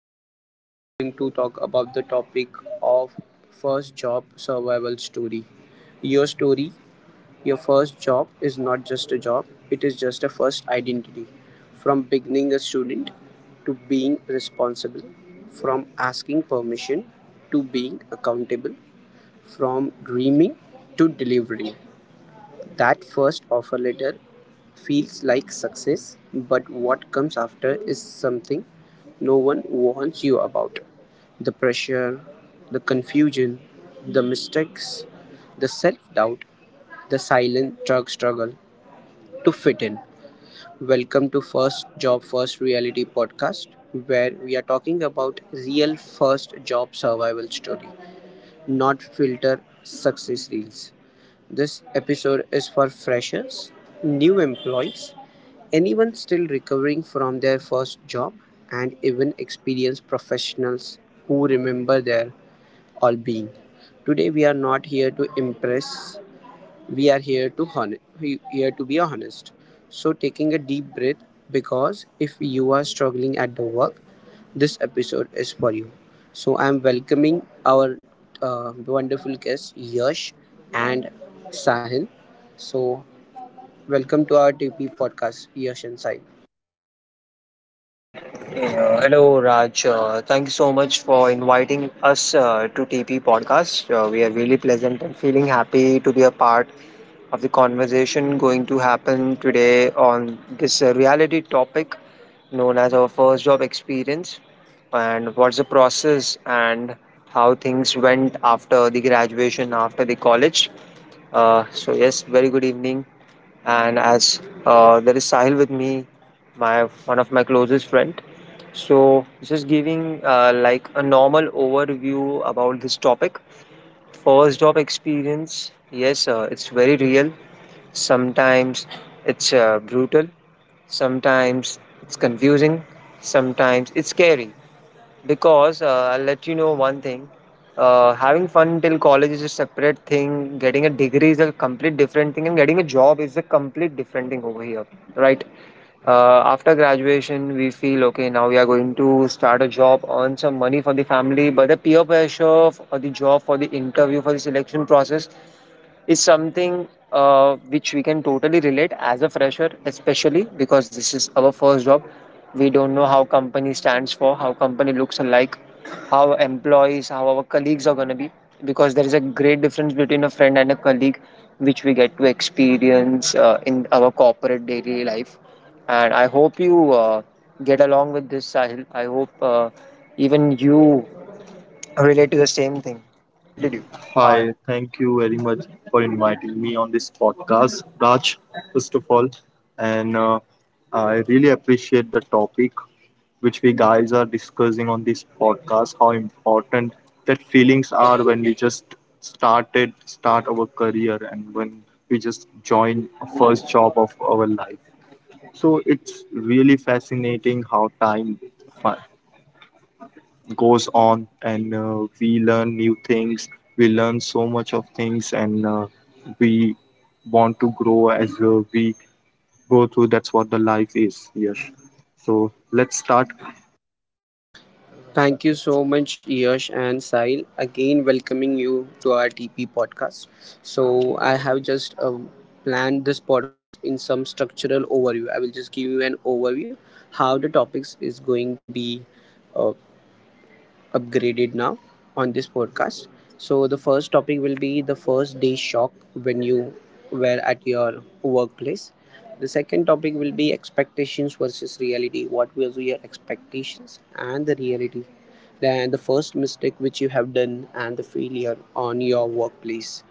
Today, we are going to talk about the topic of first job survival story. Your story, your first job, is not just a job, it is just a first identity. From beginning a student to being responsible, from asking permission to being accountable, from dreaming to delivery. That first offer letter feels like success, but what comes after is something no one warns you about. The pressure, the confusion, the mistakes, the self doubt, the silent drug struggle to fit in. Welcome to First Job First Reality podcast, where we are talking about real first job survival story, not filter success reels. This episode is for freshers, new employees, anyone still recovering from their first job, and even experienced professionals who remember their all being. Today, we are not here to impress, we are here to here to be honest. So taking a deep breath because if you are struggling at the work, this episode is for you. So I am welcoming our wonderful guests Yash and Sahil. So welcome to our TP podcast, Yash and Sahil. Hello, Raj. Thank you so much for inviting us to TP Podcast. We are really pleasant and feeling happy to be a part of the conversation going to happen today on this reality topic known as our first job experience and what's the process and how things went after the graduation, after the college. Yes, very good evening, and as there is Sahil with me, my one of my closest friend. So just giving like a normal overview about this topic. First job experience, yes, it's very real. Sometimes it's brutal. Sometimes it's confusing. Sometimes it's scary. Because I'll let you know one thing. Having fun till college is a separate thing. Getting a degree is a complete different thing, and getting a job is a complete different thing over here, right? After graduation, we feel okay. Now we are going to start a job, earn some money for the family, but the peer pressure for the job, for the interview, for the selection process is something which we can totally relate as a fresher, especially because this is our first job. We don't know how company stands for, how company looks like, how employees, how our colleagues are gonna be. Because there is a great difference between a friend and a colleague, which we get to experience in our corporate daily life. And I hope you get along with this, Sahil. I hope even you relate to the same thing. Did you? Hi. Hi, thank you very much for inviting me on this podcast, Raj, first of all. And I really appreciate the topic which we guys are discussing on this podcast, how important that feelings are when we just start our career and when we just join a first job of our life. So it's really fascinating how time goes on, and we learn new things, we learn so much of things, and we want to grow as, we go through, that's what the life is. Yes, so let's start. Thank you so much, Yash and Sahil. Again, welcoming you to our TP podcast. So, I have just planned this podcast in some structural overview. I will just give you an overview how the topics is going to be uh, upgraded now on this podcast. So the first topic will be the first day shock when you were at your workplace. The second topic will be expectations versus reality. What was your expectations and the reality? Then the first mistake which you have done and the failure on your workplace,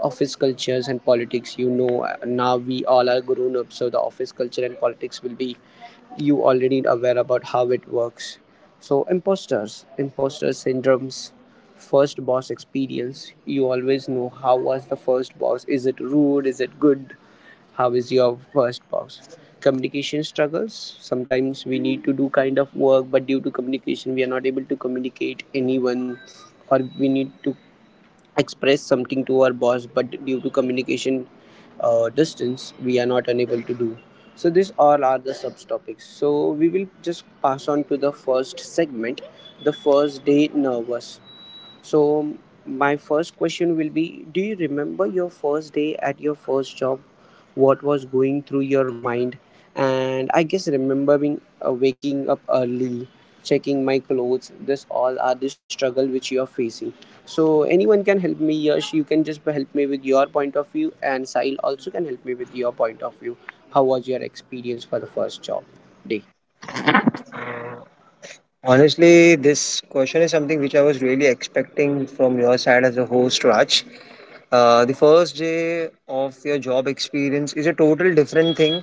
office cultures and politics, you know, now we all are grown up, so the office culture and politics will be, you already aware about how it works. So imposter syndromes, first boss experience. You always know how was the first boss, is it rude, is it good, how is your first boss. Communication struggles, sometimes we need to do kind of work but due to communication we are not able to communicate anyone, or we need to express something to our boss but due to communication distance we are not unable to do. So these all are the subtopics, so we will just pass on to the first segment, the first day nervous. So, my first question will be, do you remember your first day at your first job? What was going through your mind? And I guess remembering waking up early, checking my clothes, this all are the struggle which you are facing. So, anyone can help me, Yash. You can just help me with your point of view, and Sahil also can help me with your point of view. How was your experience for the first job day? Honestly, this question is something which I was really expecting from your side as a host, Raj. The first day of your job experience is a total different thing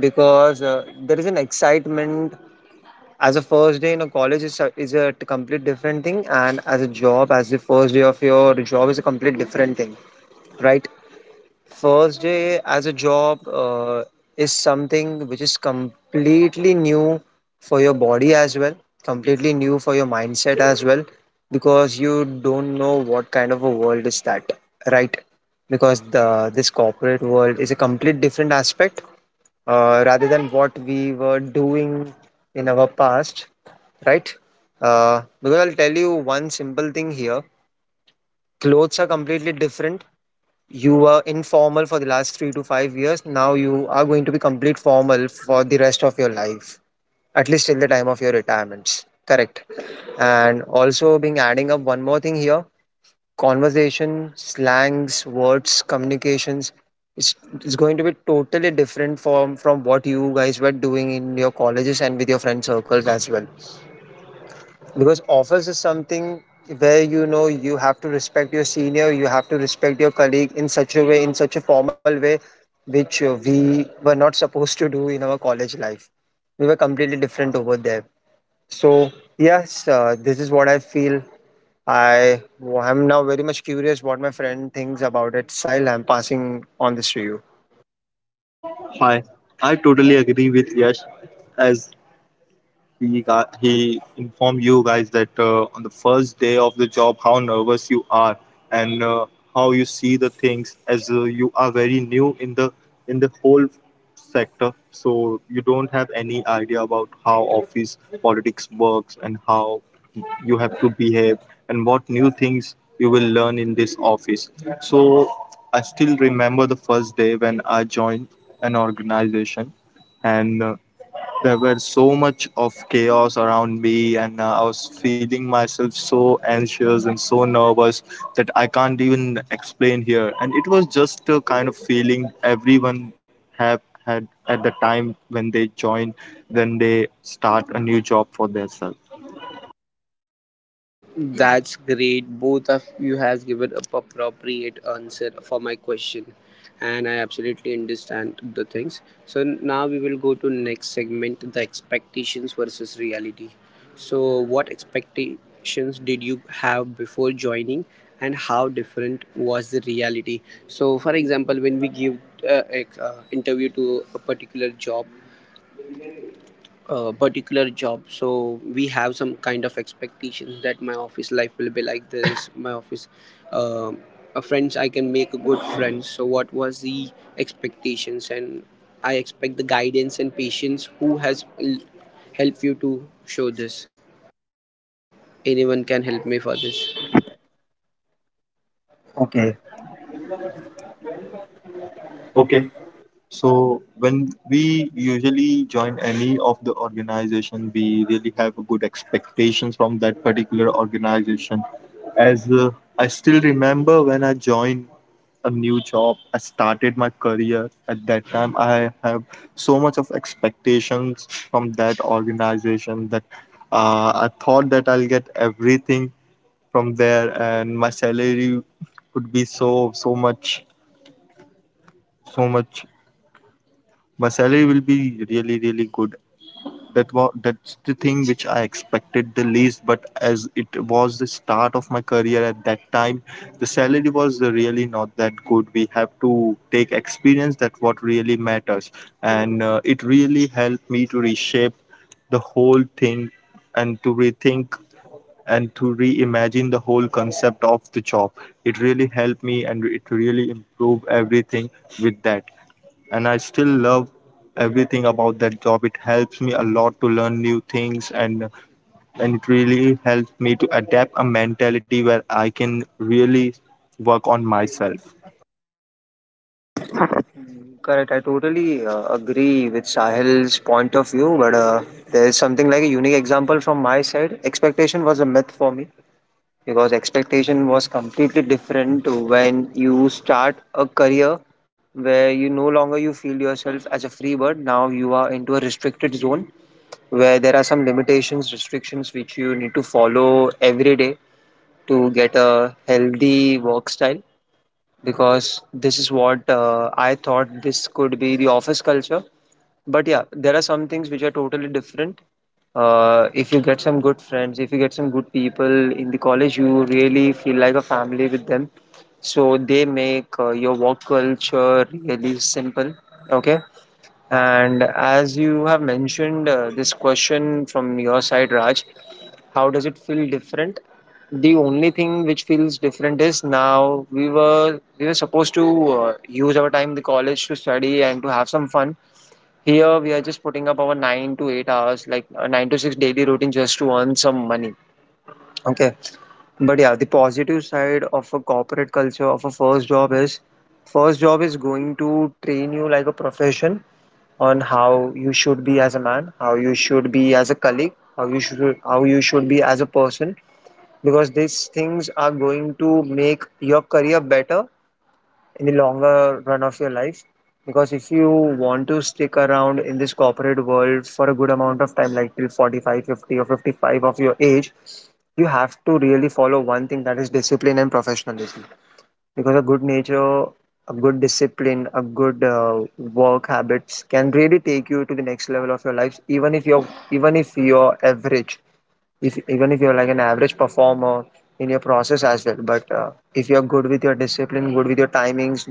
because there is an excitement, as a first day in a college is a complete different thing, and as a job, as the first day of your job is a complete different thing, right? First day as a job is something which is completely new for your body as well, completely new for your mindset as well, because you don't know what kind of a world is that, right? Because the this corporate world is a complete different aspect rather than what we were doing in our past, right? Because I'll tell you one simple thing here: clothes are completely different, you were informal for the last 3 to 5 years. Now you are going to be complete formal for the rest of your life, at least till the time of your retirements. Correct. And also, being adding up one more thing here: conversation, slangs, words, communications. It's, it's going to be totally different from what you guys were doing in your colleges and with your friend circles as well, because office is something where, you know, you have to respect your senior, you have to respect your colleague in such a way, in such a formal way, which we were not supposed to do in our college life. We were completely different over there. So yes, this is what I feel. I am now very much curious what my friend thinks about it. Sile, I'm passing on this to you. Hi, I totally agree with Yash. As he informed you guys that, on the first day of the job, how nervous you are, and how you see the things, as you are very new in the whole sector, so you don't have any idea about how office politics works and how you have to behave and what new things you will learn in this office. So I still remember the first day when I joined an organization, and there were so much of chaos around me, and I was feeling myself so anxious and so nervous that I can't even explain here. And it was just a kind of feeling everyone have had at the time when they start a new job for themselves. That's great. Both of you has given a appropriate answer for my question, and I absolutely understand the things. So now we will go to next segment: the expectations versus reality. So, what expectations did you have before joining, and how different was the reality? So, for example, when we give interview to a particular job, so we have some kind of expectations that my office life will be like this my office, um friends, I can make good friends. So what was the expectations? And I expect the guidance and patience who has helped you to show this. Anyone can help me for this? Okay. Okay. Okay, Okay. so when we usually join any of the organization, we really have a good expectations from that particular organization. As I still remember when I joined a new job, I started my career. At that time, I have so much of expectations from that organization, that I thought that I'll get everything from there, and my salary could be so, so much. My salary will be really really good. That was that's the thing which I expected the least, but as it was the start of my career at that time, the salary was really not that good. We have to take experience, that what really matters. And It really helped me to reshape the whole thing, and to rethink, and to reimagine the whole concept of the job. It really helped me, and it really improved everything with that. And I still love everything about that job. It helps me a lot to learn new things, and it really helps me to adapt a mentality where I can really work on myself. Correct. I totally agree with Sahil's point of view, but there is something like a unique example from my side. Expectation was a myth for me because expectation was completely different to when you start a career where you no longer you feel yourself as a free bird. Now you are into a restricted zone where there are some limitations, restrictions which you need to follow every day to get a healthy work style. Because this is what I thought this could be the office culture, but yeah, there are some things which are totally different. If you get some good friends, if you get some good people in the college, you really feel like a family with them. So they make your work culture really simple. Okay. And as you have mentioned this question from your side, Raj, how does it feel different? The only thing which feels different is now we were supposed to use our time in the college to study and to have some fun. Here we are just putting up our 9 to 8 hours, like a 9 to 6 daily routine, just to earn some money. Okay. But yeah, the positive side of a corporate culture of a first job is going to train you like a profession on how you should be as a man, how you should be as a colleague, how you should be as a person, because these things are going to make your career better in the longer run of your life, because if you want to stick around in this corporate world for a good amount of time, like till 45, 50, or 55 of your age, you have to really follow one thing, that is discipline and professionalism. Because a good nature, a good discipline, a good work habits can really take you to the next level of your life, even if you're average, if even if you're like an average performer in your process as well. But if you're good with your discipline, good with your timings,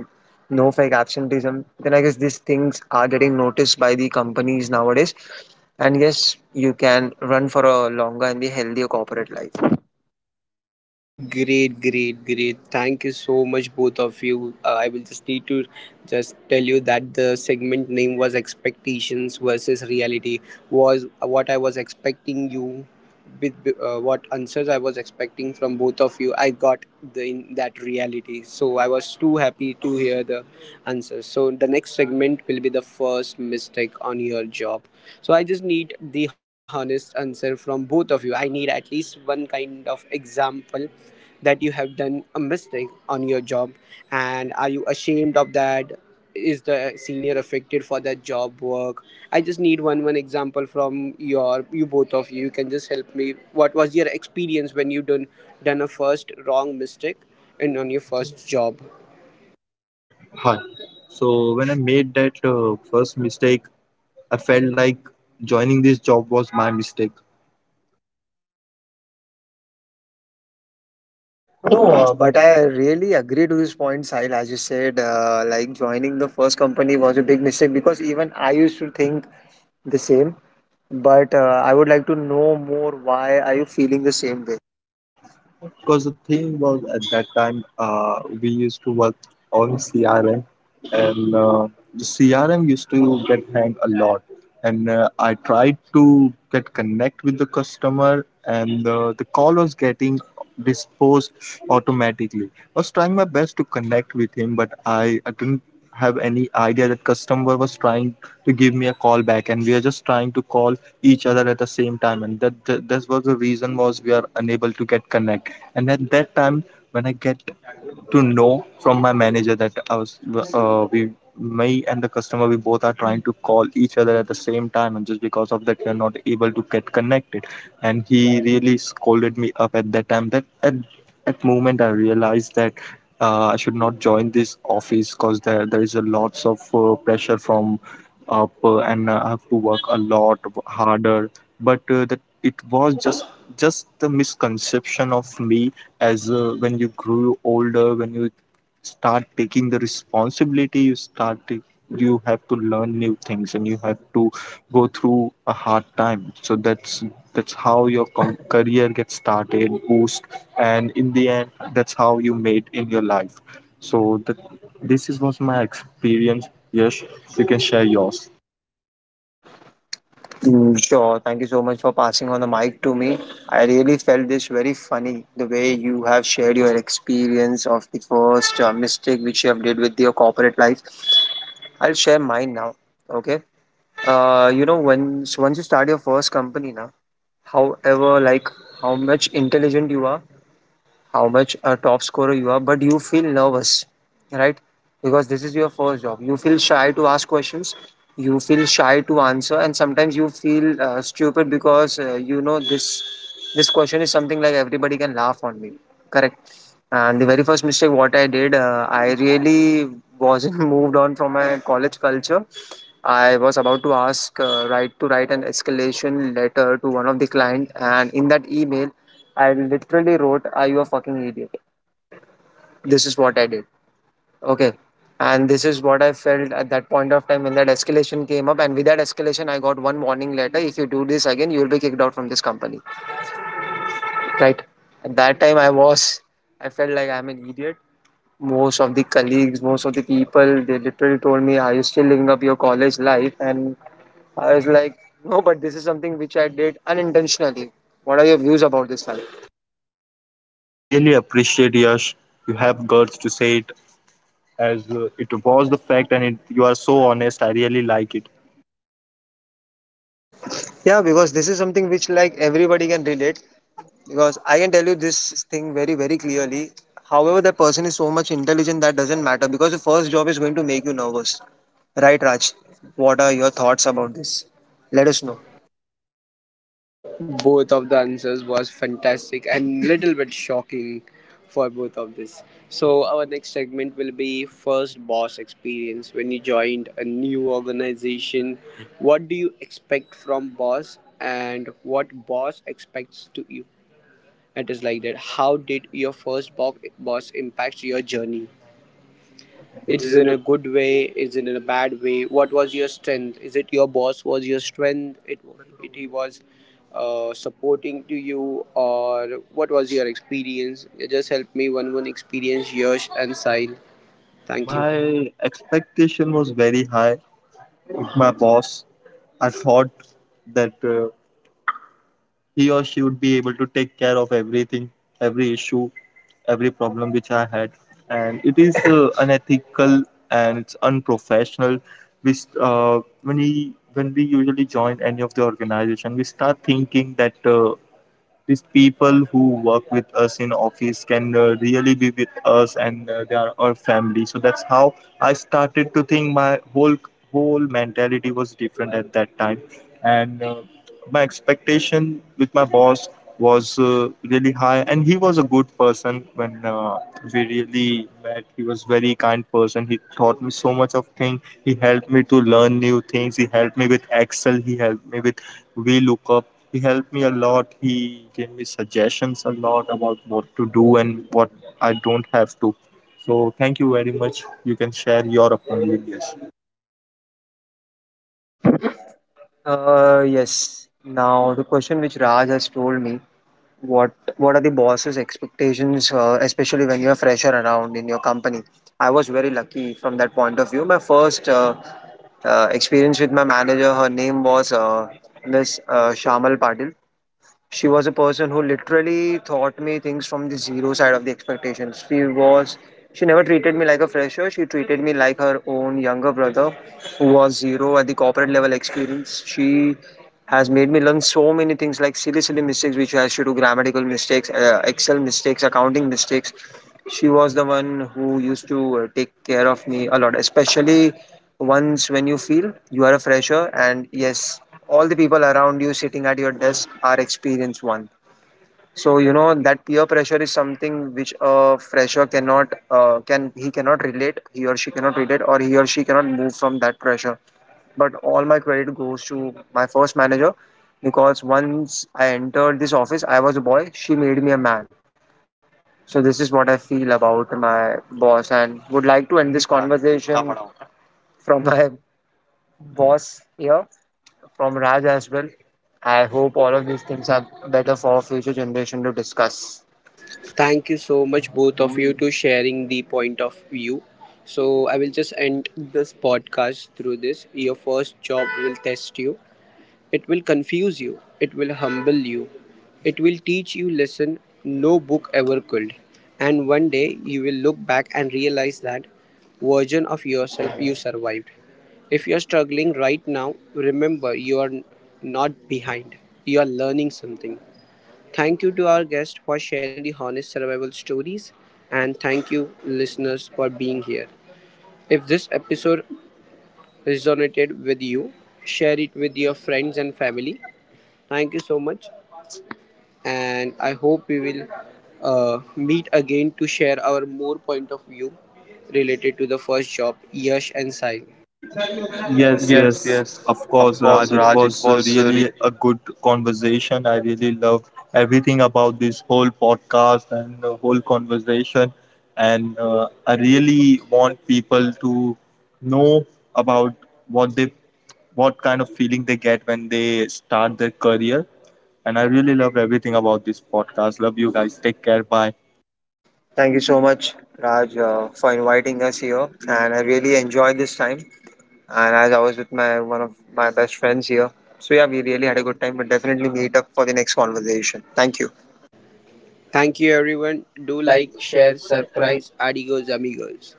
no fake absenteeism, then I guess these things are getting noticed by the companies nowadays, and yes, you can run for a longer and the healthier corporate life. Great, great, great. Thank you so much, both of you. I will just need to just tell you that the segment name was expectations versus reality. Was what I was expecting you with, what answers I was expecting from both of you. I got the in that reality, so I was too happy to hear the answers. So the next segment will be the first mistake on your job. So I just need the honest answer from both of you. I need at least one kind of example that you have done a mistake on your job, and are you ashamed of that, is the senior affected for that job work. I just need one example from you, both of you, you can just help me, what was your experience when you done a first wrong mistake and on your first job. Hi. So when I made that first mistake, I felt like joining this job was my mistake. No, uh, but but I I, really agree to this point, Sahil. As you said, like joining the first company was a big mistake, because even I used to think the same. But I would like to know more, why are you feeling the same way? because the thing was, at that time we used to work on CRM, and the CRM used to get hanged a lot. And I tried to get connect with the customer, and the call was getting disposed automatically. I was trying my best to connect with him, but I didn't have any idea that customer was trying to give me a call back, and we are just trying to call each other at the same time. And that, that this was the reason was, we are unable to get connect. And at that time, when I get to know from my manager that I was, we me and the customer, we both are trying to call each other at the same time, and just because of that we are not able to get connected. And he really scolded me up at that time. At that moment I realized that, I should not join this office, because there is a lots of pressure from up, and I have to work a lot harder. But that, it was just the misconception of me. As when you grew older, when you start taking the responsibility, you start to, you have to learn new things, and you have to go through a hard time. So that's how your career gets started, boost, and in the end, that's how you made in your life. So that, this is was my experience. Yash, you can share yours. Sure. Thank you so much for passing on the mic to me. I really felt this very funny, the way you have shared your experience of the first mistake which you have did with your corporate life. I'll share mine now. Okay. You know, when so once you start your first company now, however, like how much intelligent you are, how much a top scorer you are, but you feel nervous, right? Because this is your first job. You feel shy to ask questions. You feel shy to answer, and sometimes you feel stupid because you know this question is something like everybody can laugh on me. Correct. And the very first mistake what I did, I really wasn't moved on from my college culture. I was about to ask right to write an escalation letter to one of the client, and in that email, I literally wrote, "Are you a fucking idiot?" This is what I did. Okay. And this is what I felt at that point of time when that escalation came up. And with that escalation, I got one warning letter. If you do this again, you will be kicked out from this company. Right. At that time, I felt like I'm an idiot. Most of the colleagues, most of the people, they literally told me, "Are you still living up your college life?" And I was like, "No, but this is something which I did unintentionally." What are your views about this, Lalit? I really appreciate Yash, you have guts to say it, as it was the fact, and it, you are so honest. I really like it. Yeah, because this is something which like everybody can relate. Because I can tell you this thing very very clearly. However, that person is so much intelligent, that doesn't matter, because the first job is going to make you nervous, right, Raj? What are your thoughts about this? Let us know. Both of the answers was fantastic and little bit shocking for both of this. So our next segment will be first boss experience. When you joined a new organization, what do you expect from boss and what boss expects to you? It is like that. How did your first boss impact your journey? It It is is in a another. good way, is it in a bad way? What was your strength? Is it your boss was your strength? It He was supporting to you, or what was your experience? You just help me one experience, Yash and Sahil. Thank you. Thank you. My expectation was very high. My boss, I thought that he or she would be able to take care of everything, every issue, every problem which I had. And it is unethical, and it's unprofessional. We, st- when we usually join any of the organization, we start thinking that these people who work with us in office can really be with us, and they are our family. So that's how I started to think. My whole mentality was different at that time, and my expectation with my boss was really high. And he was a good person. When we really met, he was very kind person. He taught me so much of things. He helped me to learn new things, he helped me with Excel, he helped me with VLOOKUP, he helped me a lot. He gave me suggestions a lot about what to do and what I don't have to. So thank you very much. You can share your opinion. Yes, Yes. Now the question which Raj has told me, what what are the boss's expectations, especially when you're fresher around in your company? I was very lucky from that point of view. My first experience with my manager, her name was Miss Shamal Patil. She was a person who literally taught me things from the zero side of the expectations. She never treated me like a fresher. She treated me like her own younger brother, who was zero at the corporate level experience. She has made me learn so many things, like silly, silly mistakes which I used to do, grammatical mistakes, Excel mistakes, accounting mistakes. She was the one who used to take care of me a lot, especially once when you feel you are a fresher, and yes, all the people around you sitting at your desk are experienced one. So you know that peer pressure is something which a fresher cannot relate, he or she cannot relate, or he or she cannot move from that pressure. But all my credit goes to my first manager, because once I entered this office, I was a boy. She made me a man. So this is what I feel about my boss, and would like to end this conversation from my boss here. From Raj as well. I hope all of these things are better for our future generation to discuss. Thank you so much, both of you, to sharing the point of view. So I will just end this podcast through this. Your first job will test you. It will confuse you, it will humble you, it will teach you lesson no book ever could. And one day you will look back and realize that version of yourself you survived. If you're struggling right now, remember you are not behind. You are learning something. Thank you to our guest for sharing the honest survival stories, and thank you, listeners, for being here. If this episode resonated with you, share it with your friends and family. Thank you so much, and I hope we will meet again to share our more point of view related to the first job, Yash and Sahil. yes, Yes, yes. yes, Of of course, course, Raj. It Raj. It was was re- really a good conversation. I really loved everything about this whole podcast and the whole conversation. And I really want people to know about what they what kind of feeling they get when they start their career. And I really love everything about this podcast. Love you guys. Take care. Bye. Thank you so much, Raj, for inviting us here. And I really enjoyed this time. And as I was with my one of my best friends here. So yeah, we really had a good time. But definitely meet up for the next conversation. Thank you. Thank you, everyone. Do Do like, like, share, share, subscribe. surprise, amigos, amigos.